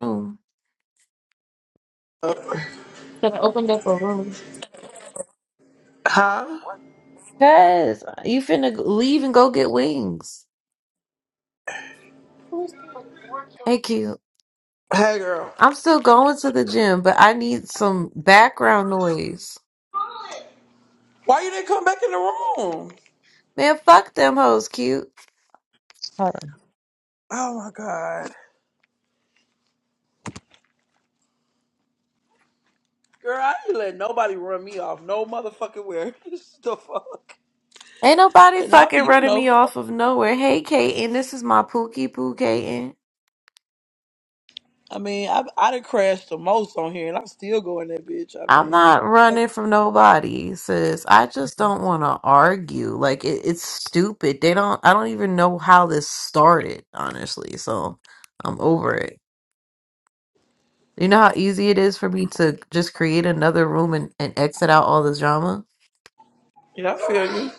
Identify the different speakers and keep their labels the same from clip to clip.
Speaker 1: room. Should have opened up a room.
Speaker 2: Huh?
Speaker 1: Cause you finna g- leave and go get wings. Thank you.
Speaker 2: Hey, girl.
Speaker 1: I'm still going to the gym, but I need some background noise.
Speaker 2: Why you didn't come back in the room?
Speaker 1: Man, fuck them hoes, cute. Hold on.
Speaker 2: Oh my god, girl, I ain't letting nobody run me off no motherfucking where. the fuck?
Speaker 1: Ain't nobody
Speaker 2: And I, be,
Speaker 1: fucking
Speaker 2: you
Speaker 1: running
Speaker 2: know,
Speaker 1: me off of nowhere. Hey, Kaden, this is my Pookie Poo Kaden.
Speaker 2: I mean, I I done crashed the most on here, and I'm still going that bitch. I
Speaker 1: I'm
Speaker 2: mean,
Speaker 1: not running from nobody, sis. I just don't want to argue. Like it, it's stupid. They don't. I don't even know how this started, honestly. So I'm over it. You know how easy it is for me to just create another room and, and exit out all this drama.
Speaker 2: yeah, I feel you.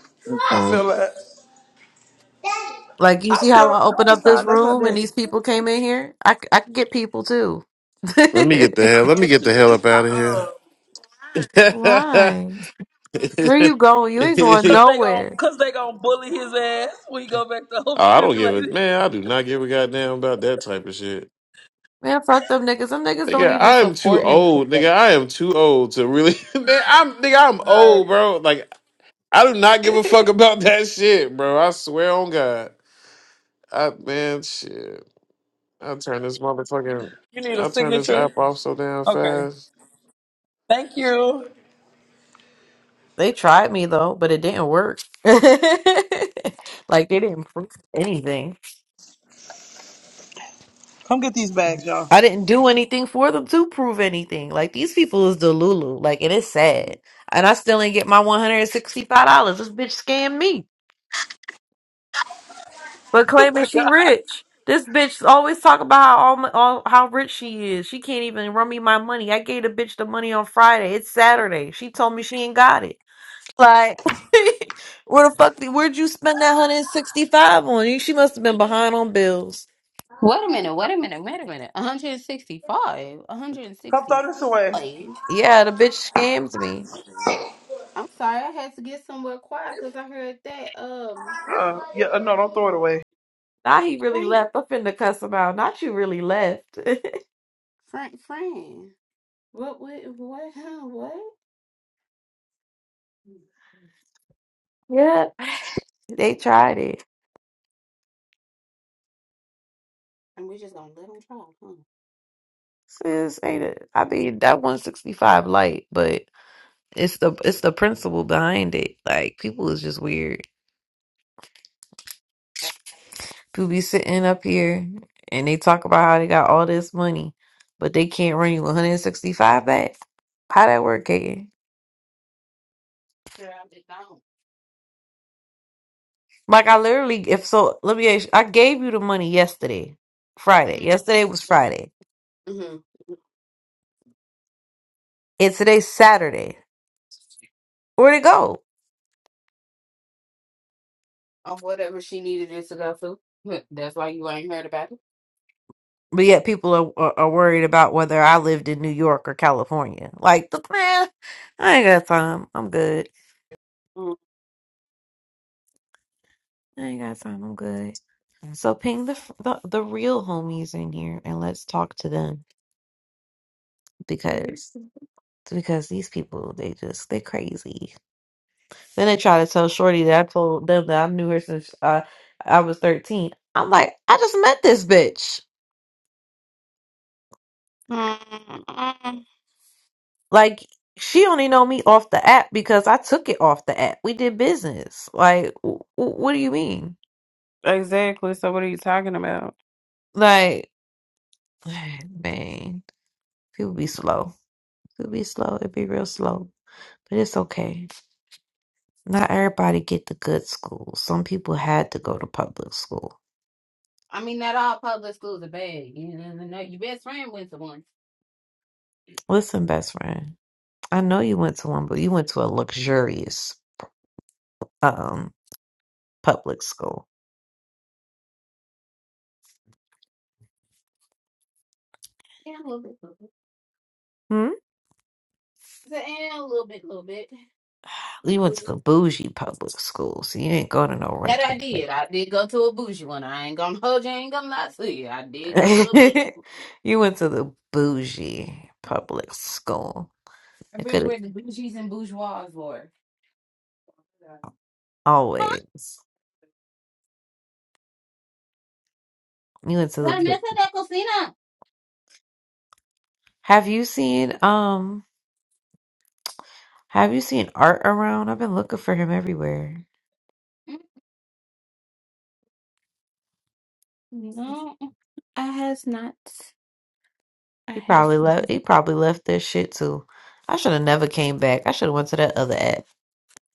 Speaker 2: I
Speaker 1: Mhm.
Speaker 2: feel that.
Speaker 1: Like you
Speaker 2: I
Speaker 1: see how
Speaker 2: feel
Speaker 1: I
Speaker 2: no,
Speaker 1: open
Speaker 2: it's
Speaker 1: up this
Speaker 2: not. That's not
Speaker 1: room and
Speaker 2: that.
Speaker 1: these people came in here. I c- I can get people too.
Speaker 3: Let me get the hell. Let me
Speaker 2: It's
Speaker 3: get the
Speaker 2: just
Speaker 3: hell
Speaker 2: it's
Speaker 3: up out
Speaker 2: not.
Speaker 3: of
Speaker 2: Uh,
Speaker 3: here.
Speaker 1: Why? Where you going? You ain't going
Speaker 2: cause they gon'
Speaker 1: nowhere,
Speaker 2: cause they gon' bully his ass when he go back to
Speaker 3: oh,
Speaker 2: home
Speaker 3: I don't give a
Speaker 2: stimulated.
Speaker 3: man. I do not give a goddamn about that type of shit.
Speaker 1: man. Fuck them niggas. Them niggas don't
Speaker 3: Nigga,
Speaker 1: even
Speaker 3: I am too
Speaker 1: support him. for
Speaker 3: old. Nigga, I am too old to really. man, I'm nigga. I'm
Speaker 2: All right,
Speaker 3: old, bro. Like I do not give
Speaker 1: that.
Speaker 3: a fuck about that shit, bro. I swear on God. I man, shit. I turn this motherfucking.
Speaker 2: you need a
Speaker 3: I turn this
Speaker 2: signature.
Speaker 3: app off so damn
Speaker 2: Okay.
Speaker 3: fast.
Speaker 2: Thank you.
Speaker 1: They tried me though, but it didn't work. like they didn't prove anything.
Speaker 2: Come get these bags, y'all.
Speaker 1: I didn't do anything for them to prove anything. Like these people is Delulu. Like it is sad, and I still ain't get my one hundred and sixty five dollars. This bitch scammed me, but
Speaker 2: Oh
Speaker 1: claiming
Speaker 2: my
Speaker 1: she
Speaker 2: God.
Speaker 1: rich. This bitch always talk about how all, my- all how rich she is. She can't even run me my money. I gave the bitch the money on Friday. It's Saturday. She told me she ain't got it. Like, where the fuck? Did, where'd you spend that hundred and sixty five on? You, she must have been behind on bills.
Speaker 4: Wait a minute, wait a minute, wait a minute. 165.
Speaker 2: Come throw this away.
Speaker 4: 165.
Speaker 1: Yeah, the bitch scammed me.
Speaker 4: I'm sorry, I had to get somewhere quiet because I heard that um
Speaker 2: Uh, yeah, uh, no, don't throw it away.
Speaker 1: Now he really
Speaker 4: Frank.
Speaker 1: left. I'm finna cuss him out. Not you really left.
Speaker 4: Frank Fran. What what what huh, what?
Speaker 1: Yeah, they tried it.
Speaker 4: And we're just gonna let him try, huh?
Speaker 1: Sis, ain't it? I mean, that one sixty five light, but it's the it's the principle behind it. Like, people is just weird. People be sitting up here and they talk about how they got all this money, but they can't run you one hundred and sixty five back. How that work, Kaden?
Speaker 4: Sure, I'm just gone.
Speaker 1: Like I literally, if so, let me. Ask, you, I gave you the money yesterday, Friday. Yesterday was
Speaker 4: Mm-hmm.
Speaker 1: Friday,
Speaker 4: Mm-hmm.
Speaker 1: and today's Saturday. Where'd it go?
Speaker 4: On whatever she needed it to go through. Huh, That's why you ain't heard about it.
Speaker 1: But yet people are, are are worried about whether I lived in New York or California. Like, the man, I ain't got time. I'm good.
Speaker 4: Mm.
Speaker 1: I ain't got time. I'm good. So ping the, the the real homies in here and let's talk to them
Speaker 4: Period.
Speaker 1: because because these people they just they crazy. Then they try to tell Shorty that I told them that I knew her since uh, I was 13. I'm like, I just met this bitch.
Speaker 4: Mm, mm.
Speaker 1: Like, she only know me off the app because I took it off the app. We did business. Like, w- w- what do you mean?
Speaker 4: Exactly. So what are you talking about?
Speaker 1: Like, man, people be slow. People be slow. It be real slow. But it's okay. Not everybody get the good school. Some people had to go to public school.
Speaker 4: I mean, not all public schools are bad. You know, know your best friend went to one.
Speaker 1: Listen, best friend, I know you went to one, but you went to a luxurious Um. public school.
Speaker 4: Yeah, a little bit, a little bit.
Speaker 1: Hmm?
Speaker 4: I said, yeah, a little bit, a little bit, a
Speaker 1: You went
Speaker 4: little
Speaker 1: to the
Speaker 4: bit.
Speaker 1: bougie public school, so you ain't go to no
Speaker 4: That I did. I did go to a bougie one. I ain't gonna hold you. I ain't gonna lie to you. I did go to a bougie.
Speaker 1: regular. you went to the bougie public school.
Speaker 4: I
Speaker 1: It could
Speaker 4: remember
Speaker 1: have
Speaker 4: where the bougies and bourgeois were. Huh?
Speaker 1: always. You went to the.
Speaker 4: La mesa
Speaker 1: bou-
Speaker 4: de cocina.
Speaker 1: Have you seen um? Have you seen Art around? I've been looking for him everywhere.
Speaker 4: Mm, No, I has not. I
Speaker 1: He
Speaker 4: has.
Speaker 1: probably left. He probably left this shit too. I should have never came back. I should have went to that other app.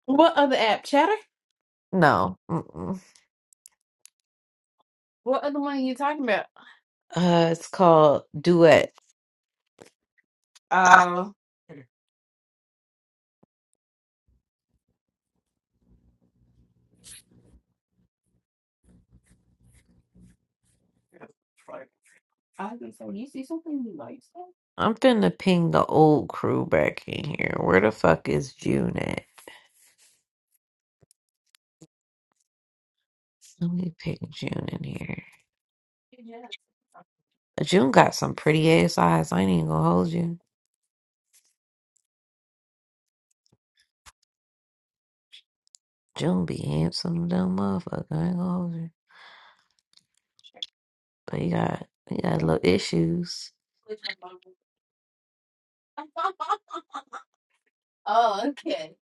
Speaker 4: What other app? Chatter.
Speaker 1: No. Mm-mm.
Speaker 4: What other one are you talking about?
Speaker 1: Uh, it's called Duet.
Speaker 4: Uh, I was gonna say, you see something you like?
Speaker 1: I'm finna ping the old crew back in here. Where the fuck is June at? Let me ping June in here.
Speaker 4: Yeah.
Speaker 1: June got some pretty ass eyes. I ain't even gonna hold you. June be handsome, dumb motherfucker. I ain't gonna hold you. But you got you got little issues.
Speaker 4: Oh, okay.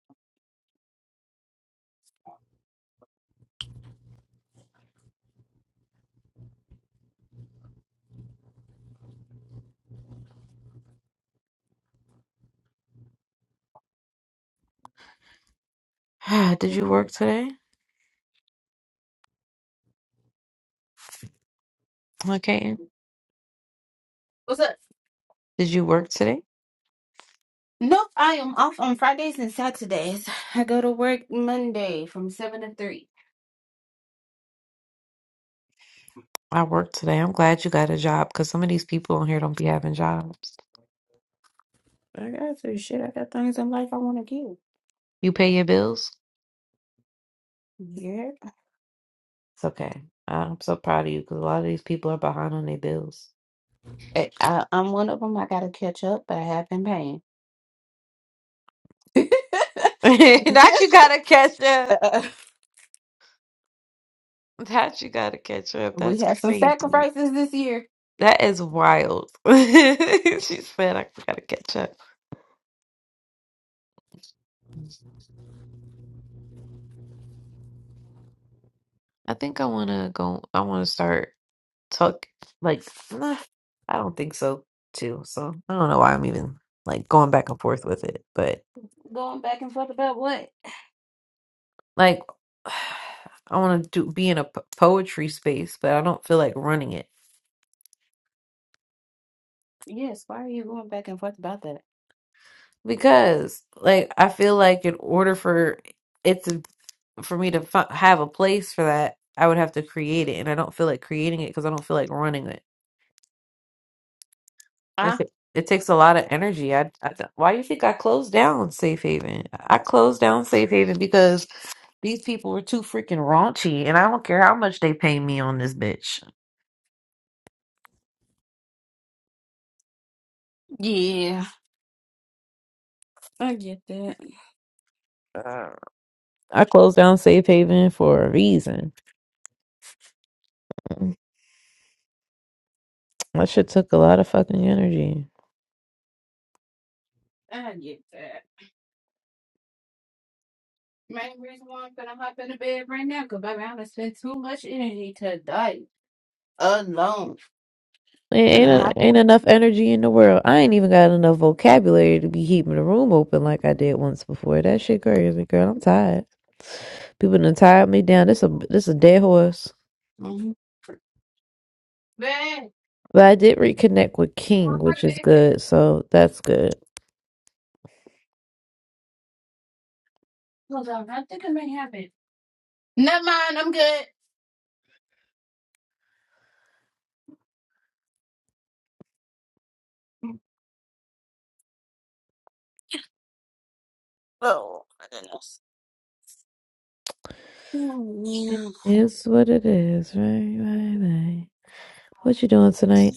Speaker 1: Did you work today? Okay.
Speaker 4: What's up?
Speaker 1: Did you work today?
Speaker 4: Nope, I am off on Fridays and Saturdays. I go to work Monday from 7 to 3.
Speaker 1: I worked today. I'm glad you got a job because some of these people on here don't be having jobs.
Speaker 4: I got some shit. I got things in life I want to do.
Speaker 1: You pay your bills?
Speaker 4: Yeah.
Speaker 1: It's okay. I'm so proud of you because a lot of these people are behind on their bills.
Speaker 4: I, I, I'm one of them. I got to catch up, but I have been paying.
Speaker 1: That you gotta catch up.
Speaker 4: Uh,
Speaker 1: That you gotta catch up.
Speaker 4: we
Speaker 1: That's
Speaker 4: had some
Speaker 1: crazy.
Speaker 4: sacrifices this year.
Speaker 1: That is wild. She said I gotta catch up. I think I wanna go I wanna start talk like nah, I don't think so too. So I don't know why I'm even like going back and forth with it. But
Speaker 4: Going back and forth about what?
Speaker 1: like I wanna do be in a p- poetry space, but I don't feel like running it.
Speaker 4: Yes, why are you going back and forth about that?
Speaker 1: Because like I feel like in order for it to for me to fi- have a place for that, I would have to create it, and I don't feel like creating it because I don't feel like running it. That's
Speaker 4: Ah,
Speaker 1: it. It takes a lot of energy. I, I th- why do you think I closed down Safe Haven? I closed down Safe Haven because these people were too freaking raunchy, and I don't care how much they pay me on this bitch.
Speaker 4: yeah. I get that.
Speaker 1: Uh, I closed down Safe Haven for a reason. That shit took a lot of fucking energy.
Speaker 4: I get that. Main reason why I'm gonna hop in the bed right now, cause baby, I'm gonna spend too much energy to die alone.
Speaker 1: It
Speaker 4: Finna
Speaker 1: Ain't
Speaker 4: hop in.
Speaker 1: ain't enough energy in the world. I ain't even got enough vocabulary to be keeping the room open like I did once before. That shit crazy, girl. I'm tired. People done tired me down. This a this a dead horse.
Speaker 4: Mm-hmm. Bed.
Speaker 1: But I did reconnect with King,
Speaker 4: One more
Speaker 1: which is
Speaker 4: bed.
Speaker 1: good. So that's good.
Speaker 4: Hold on, I think I may have it. Never mind, I'm good. Oh, my goodness. Oh,
Speaker 1: It
Speaker 4: yeah.
Speaker 1: is what it is, right? Right, right. What you doing tonight?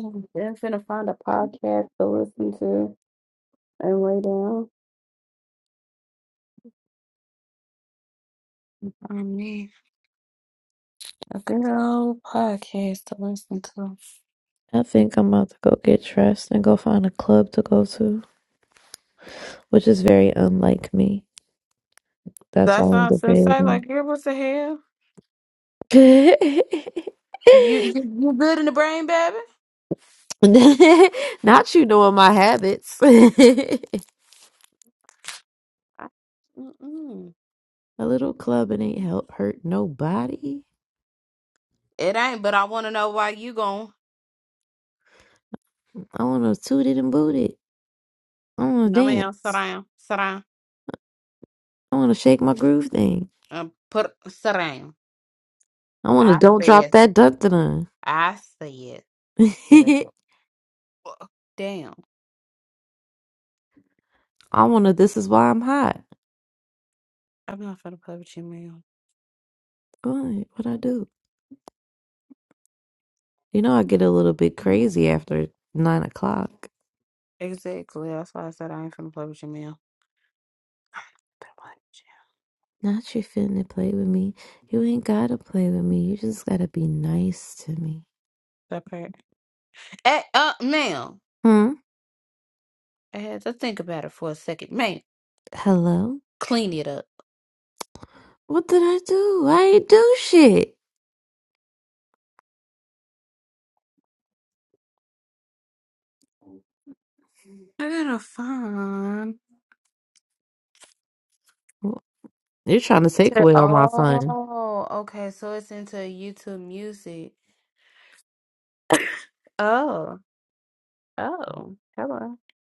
Speaker 4: I'm finna find a podcast to listen to and lay down. I mean, a good old podcast to listen to.
Speaker 1: I think I'm about to go get dressed and go find a club to go to, which is very unlike me. That's why
Speaker 4: That
Speaker 1: I'm
Speaker 4: sounds insane.
Speaker 1: debating.
Speaker 4: Like, girl, what the hell? You, you, you good in the brain, baby?
Speaker 1: Not you knowing my habits. a
Speaker 4: I- Mm-mm.
Speaker 1: little club and ain't help hurt nobody.
Speaker 4: It ain't, but I want to know why you going.
Speaker 1: I want to toot it and boot it. I want to
Speaker 4: No, ma'am. Sit
Speaker 1: dance.
Speaker 4: down. Sit down.
Speaker 1: I want to shake my groove thing.
Speaker 4: Um, put sit down.
Speaker 1: I want to
Speaker 4: I
Speaker 1: don't drop
Speaker 4: said.
Speaker 1: that dun dun.
Speaker 4: I said. Sit the fuck down.
Speaker 1: I want to. This is why I'm hot.
Speaker 4: I'm not finna play with you, ma'am.
Speaker 1: What? What I do? You know I get a little bit crazy after nine o'clock.
Speaker 4: Exactly. That's why I said I ain't finna play with you, ma'am. Put a button
Speaker 1: Not you finna play with me. You ain't gotta play with me. You just gotta be nice to me.
Speaker 4: That part. Hey, uh, ma'am.
Speaker 1: Hmm?
Speaker 4: I had to think about it for a second, ma'am.
Speaker 1: Hello?
Speaker 4: Clean it up.
Speaker 1: What did I do? I ain't do shit.
Speaker 4: I gotta find.
Speaker 1: You're trying to take
Speaker 4: So-
Speaker 1: away all my fun.
Speaker 4: Oh, okay. So it's into YouTube Music. Oh, oh, hello.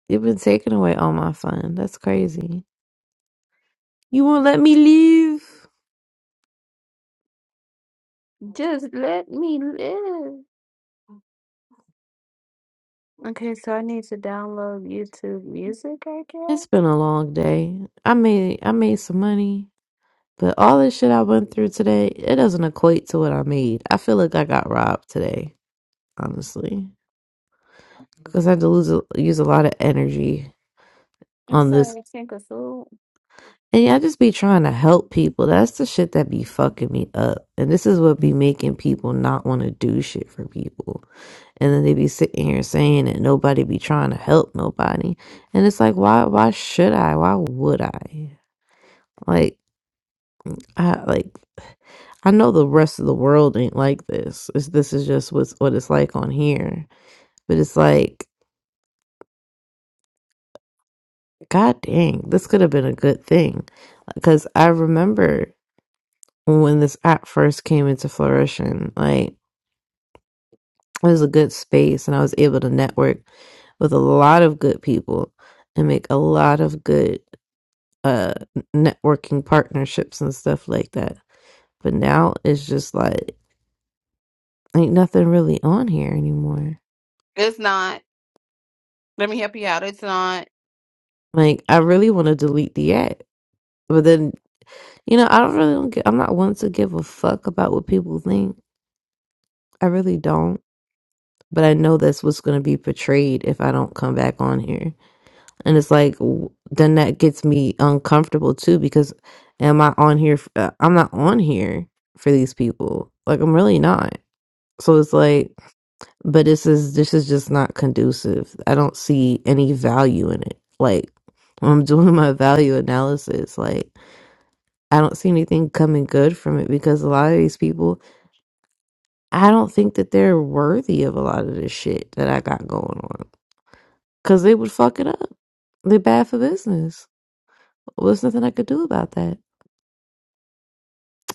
Speaker 1: You've been taking away all my fun. That's crazy. You won't let me leave.
Speaker 4: Just let me live. Okay, so I need to download YouTube Music, I
Speaker 1: It's
Speaker 4: guess.
Speaker 1: been a long day. I made I made some money. But all this shit I went through today, it doesn't equate to what I made. I feel like I got robbed today, honestly. because I had to lose a, use a lot of energy
Speaker 4: I'm
Speaker 1: on this.
Speaker 4: sorry, Tinkerfool.
Speaker 1: And yeah, I just be trying to help people. That's the shit that be fucking me up. And this is what be making people not want to do shit for people. And then they be sitting here saying that nobody be trying to help nobody. And it's like, why? Why should I? Why would I? Like, I like. I know the rest of the world ain't like this. It's, this is just what's, what it's like on here. But it's like, god dang, this could have been a good thing because I remember when this app first came into flourishing. Like it was a good space and I was able to network with a lot of good people and make a lot of good uh networking partnerships and stuff like that. But now it's just like ain't nothing really on here anymore.
Speaker 4: It's not. Let me help you out. It's not.
Speaker 1: Like I really want to delete the app. But then, you know, I don't really don't get, I'm not one to give a fuck about what people think. I really don't. But I know that's what's going to be portrayed if I don't come back on here and it's like w- then that gets me uncomfortable too because am i on here f- uh, i'm not on here for these people like i'm really not so it's like but this is this is just not conducive i don't see any value in it like when i'm doing my value analysis like i don't see anything coming good from it because a lot of these people i don't think that they're worthy of a lot of this shit that i got going on because they would fuck it up they're bad for business Well, there's nothing I could do about that.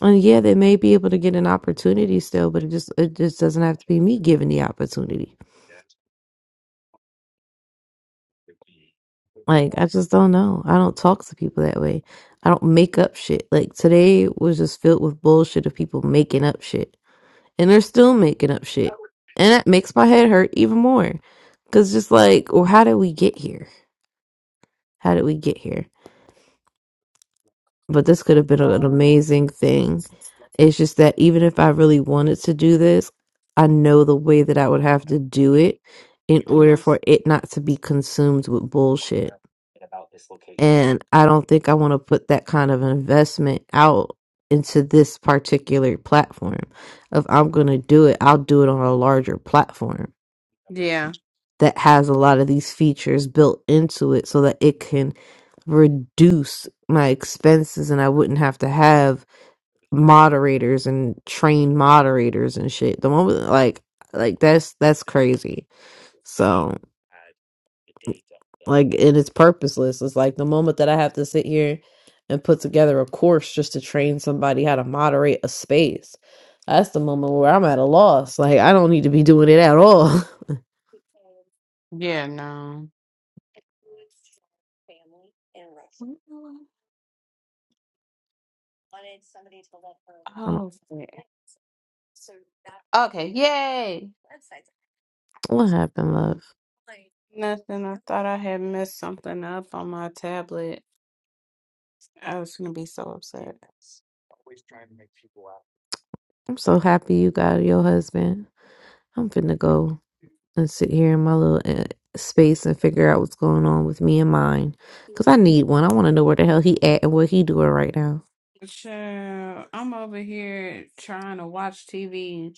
Speaker 1: And yeah, they may be able to get an opportunity still, but it just it just doesn't have to be me giving the opportunity. Like I just don't know. I don't talk to people that way. I don't make up shit. Like today was just filled with bullshit of people making up shit, and they're still making up shit, and that makes my head hurt even more. Cause just like, well, how did we get here? How did we get here? but this could
Speaker 4: That's
Speaker 1: have been an
Speaker 4: all.
Speaker 1: amazing thing. It's just that even if I really wanted to do this, I know the way that I would have to do it in order
Speaker 4: hmm
Speaker 1: for it not to be consumed with bullshit. And I don't think I want to put that kind of investment out into this particular platform. If I'm going to do it, I'll do it on a larger platform
Speaker 4: Yeah.
Speaker 1: that has a lot of these features built into it so that it can reduce my expenses and I wouldn't have to have moderators and trained moderators and shit. The moment like like that's that's crazy. So like and it's purposeless. It's like the moment that I have to sit here and put together a course just to train somebody how to moderate a space. That's the moment where I'm at a loss. Like I don't need to be doing it at all.
Speaker 4: Yeah, no. Mm.
Speaker 1: I'm-
Speaker 4: Oh, yeah. okay. Yay.
Speaker 1: what happened, love?
Speaker 4: Nothing. I thought I had messed something up on my tablet. I was gonna be so upset.
Speaker 1: I'm so happy you got your husband. I'm finna go. and sit here in my little uh, space and figure out what's going on with me and mine. Cause I need one. I want to know where the hell he at and what he doing right now.
Speaker 4: Sure. I'm over here trying to watch TV.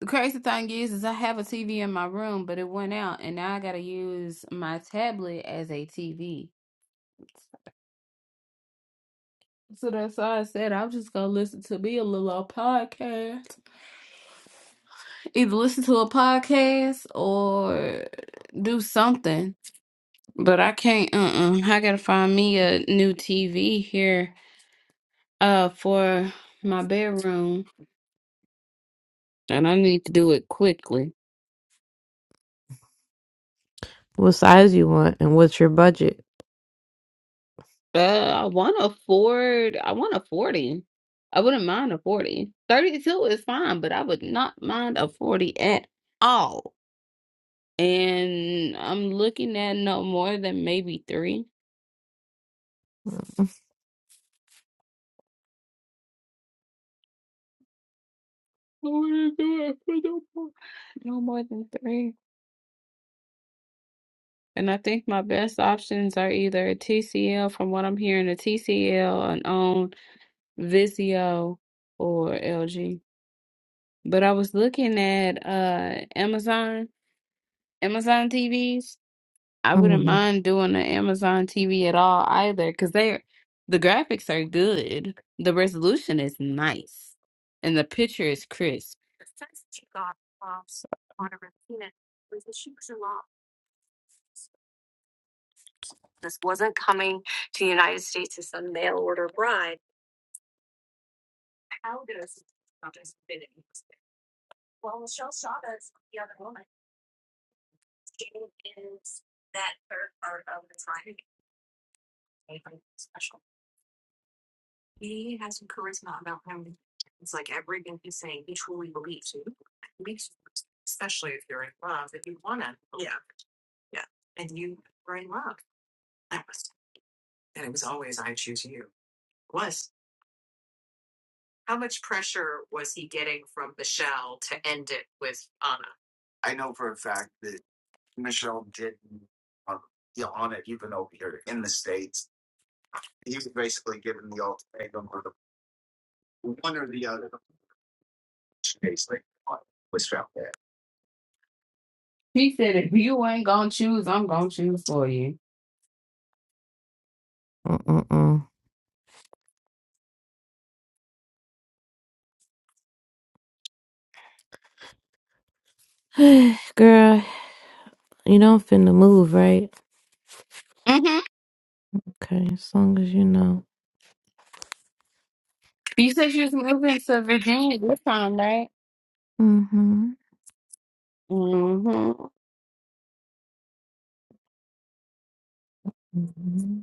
Speaker 4: The crazy thing is, is I have a TV in my room, but it went out, and now I gotta use my tablet as a TV. So that's why I said I'm just gonna listen to me a little old podcast. Either listen to a podcast or do something. But I can't. Uh. uh I gotta find me a new TV here. Uh, for my bedroom, and I need to do it quickly.
Speaker 1: What size you want and what's your budget?
Speaker 4: Uh, I want a Ford. I want a forty. I wouldn't mind a forty. Thirty-two is fine, but I would not mind a forty at all. and I'm looking at no more than maybe three. I wouldn't do it for no more, no more than three. And I think my best options are either a TCL, from what I'm hearing, a TCL, an own Vizio, or LG. But I was looking at uh Amazon, Amazon TVs. I wouldn't
Speaker 1: Mm-hmm.
Speaker 4: mind doing an Amazon TV at all either, because they're the graphics are good. The resolution is nice and the picture is crisp. He said, if you ain't gonna choose, I'm gonna choose for you.
Speaker 1: Mm-mm-mm. Girl, you don't finna move, right?
Speaker 4: hmm
Speaker 1: Okay, as long as you know.
Speaker 4: You said she was moving to Virginia this time, right?
Speaker 1: Mm-hmm.
Speaker 4: hmm
Speaker 1: hmm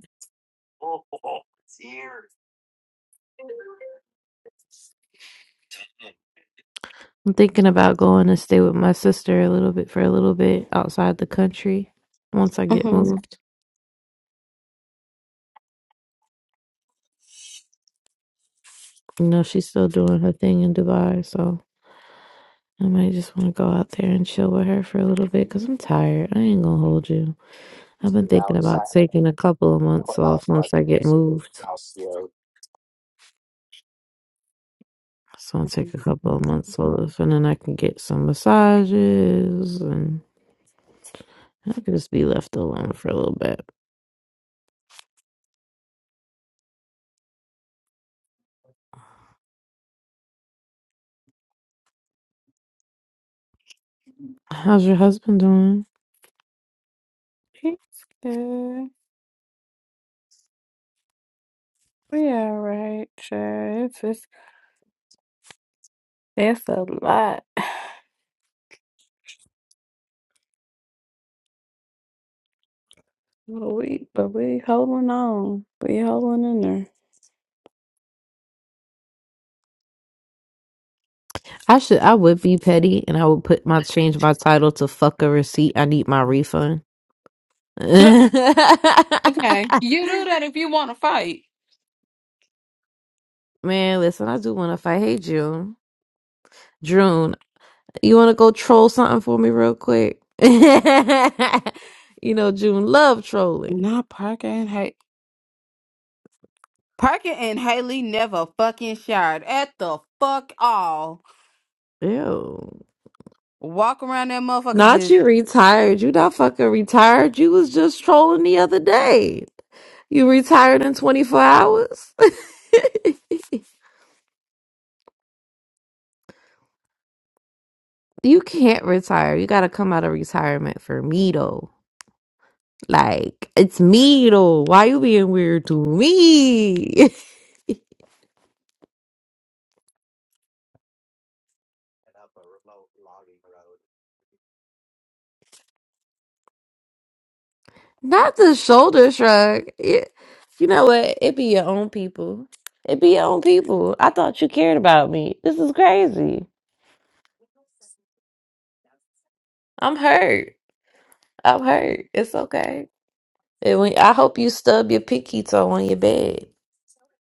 Speaker 1: I'm thinking about going to stay with my sister a little bit for a little bit outside the country once I get
Speaker 4: hmm
Speaker 1: moved. You know, she's still doing her thing in Dubai, so. I might just want to go out there and chill with her for a little bit because I'm tired. I ain't gonna hold you. I've been thinking about taking a couple of months off once I get moved. So I'll take a couple of months off and then I can get some massages and I can just be left alone for a little bit. How's your husband doing?
Speaker 4: Pizza. We all right, sure. It's just, it's a lot. But we, but we holding on. We holding in there.
Speaker 1: I should I would be petty and I would put my change my title to fuck a receipt. I need my refund.
Speaker 4: Do- Okay, you do that if you want to fight.
Speaker 1: Man, listen, I do want to fight. Hey, June. June, You want to go troll something for me real quick? you know, June love trolling.
Speaker 4: Not Parker and Hay. Parker and Haley never fucking showered at the fuck all.
Speaker 1: Ew.
Speaker 4: Walk around that motherfucker
Speaker 1: Not you
Speaker 4: just
Speaker 1: retired. You not fucking retired. You was just trolling the other day. You retired in 24 hours? you can't retire. You got to come out of retirement for me, though. Like, it's me, though. Why you being weird to me? Not the shoulder shrug. It, you know what? It be your own people. It be your own people. I thought you cared about me. This is crazy. I'm hurt. I'm hurt. It's okay. And when, I hope you stub your pinky toe on your bed.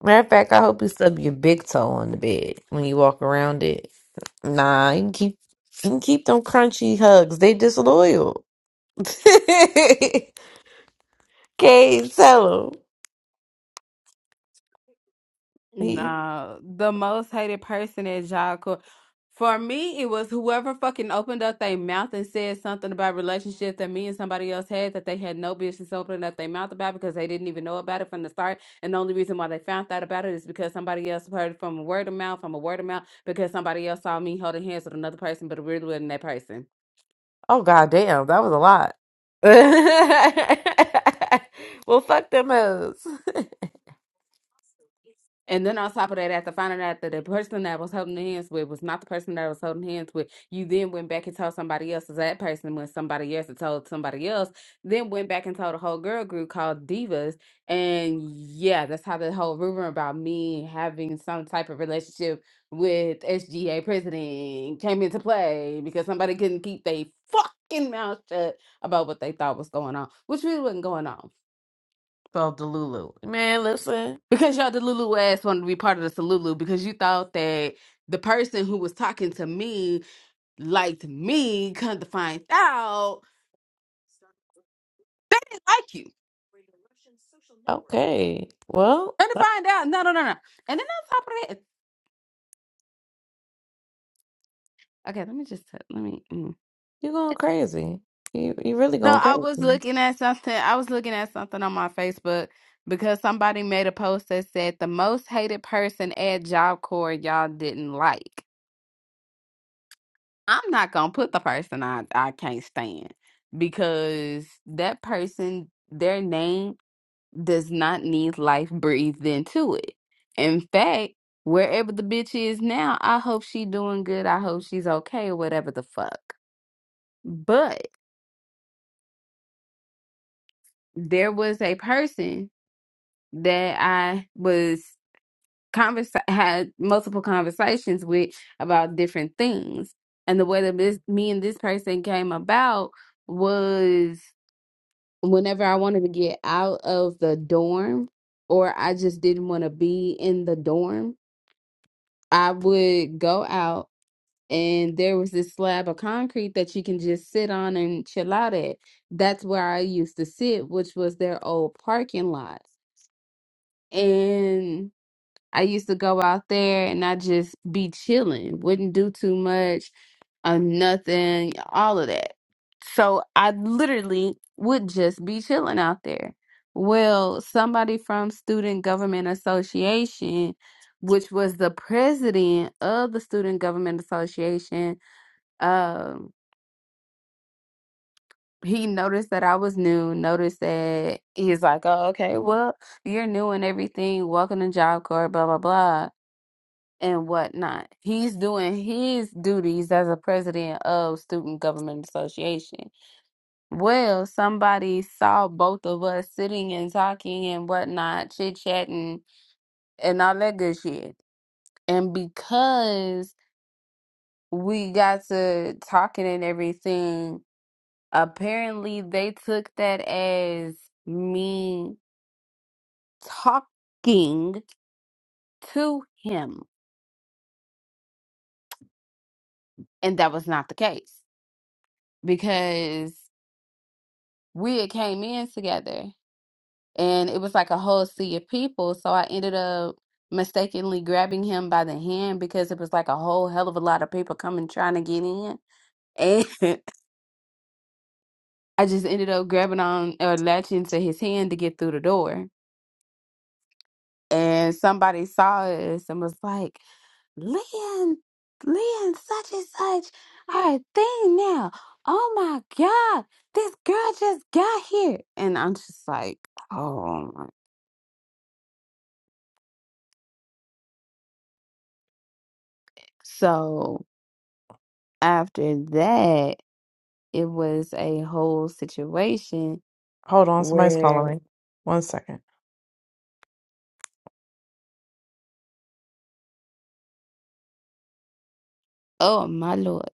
Speaker 1: Matter of fact, I hope you stub your big toe on the bed when you walk around it. Nah, you can keep you can keep them crunchy hugs. They disloyal. Can't tell him.
Speaker 4: No, the most hated person at job corps. For me, it was whoever fucking opened up their mouth and said something about relationships that me and somebody else had that they had no business opening up their mouth about because they didn't even know about it from the start. And the only reason why they found out about it is because somebody else heard it from a word of mouth, from a word of mouth, because somebody else saw me holding hands with another person, but it really wasn't that person.
Speaker 1: Oh god damn, that was a lot. well, fuck them hoes.
Speaker 4: And then on top of that, after finding out that the person that was holding hands with was not the person that was holding hands with, you then went back and told somebody else So that person when somebody else had told somebody else, then went back and told a whole girl group called Divas. And yeah, that's how the whole rumor about me having some type of relationship with SGA president came into play because somebody couldn't keep their fucking mouth shut about what they thought was going on, which really wasn't going on.
Speaker 1: Called Delulu. Man, listen.
Speaker 4: Because your Delulu ass wanted to be part of the Salulu because you thought that the person who was talking to me liked me, come to find out they didn't like you.
Speaker 1: Okay. Well,
Speaker 4: Come to
Speaker 1: uh,
Speaker 4: find out, no, no, no, no. And then on top of that, okay, let me just let me. mm.
Speaker 1: you going crazy. You you really
Speaker 4: So
Speaker 1: going
Speaker 4: I was
Speaker 1: crazy.
Speaker 4: looking at something. I was looking at something on my Facebook because somebody made a post that said the most hated person at Job Corps y'all didn't like. I'm not gonna put the person I I can't stand because that person, their name does not need life breathed into it. In fact, wherever the bitch is now, I hope she doing good. I hope she's okay or whatever the fuck. But there was a person that I was convers had multiple conversations with about different things, and the way that this me and this person came about was. whenever I wanted to get out of the dorm or I just didn't want to be in the dorm, I would go out and there was this slab of concrete that you can just sit on and chill out at. That's where I used to sit, which was their old parking lot. And I used to go out there and I just be chilling, wouldn't do too much, uh, nothing, all of that. So I literally would just be chilling out there. Well, somebody from Student Government Association, which was the president of the Student Government Association, um, he noticed that I was new, noticed that he's like, oh, okay, well, you're new and everything. Welcome to Job Corps, blah, blah, blah and whatnot. He's doing his duties as a president of Student Government Association. Well, somebody saw both of us sitting and talking and whatnot, chit chatting and all that good shit. And because we got to talking and everything, apparently they took that as me talking to him. And that was not the case because we had came in together and it was like a whole sea of people so i ended up mistakenly grabbing him by the hand because it was like a whole hell of a lot of people coming trying to get in and i just ended up grabbing on or latching to his hand to get through the door and somebody saw us and was like leon leon such and such are a thing now oh my god this girl just got here and i'm just like oh my so after that, it was a whole situation
Speaker 1: Hold on, somebody's calling
Speaker 4: where,
Speaker 1: me. One second.
Speaker 4: oh my Lord.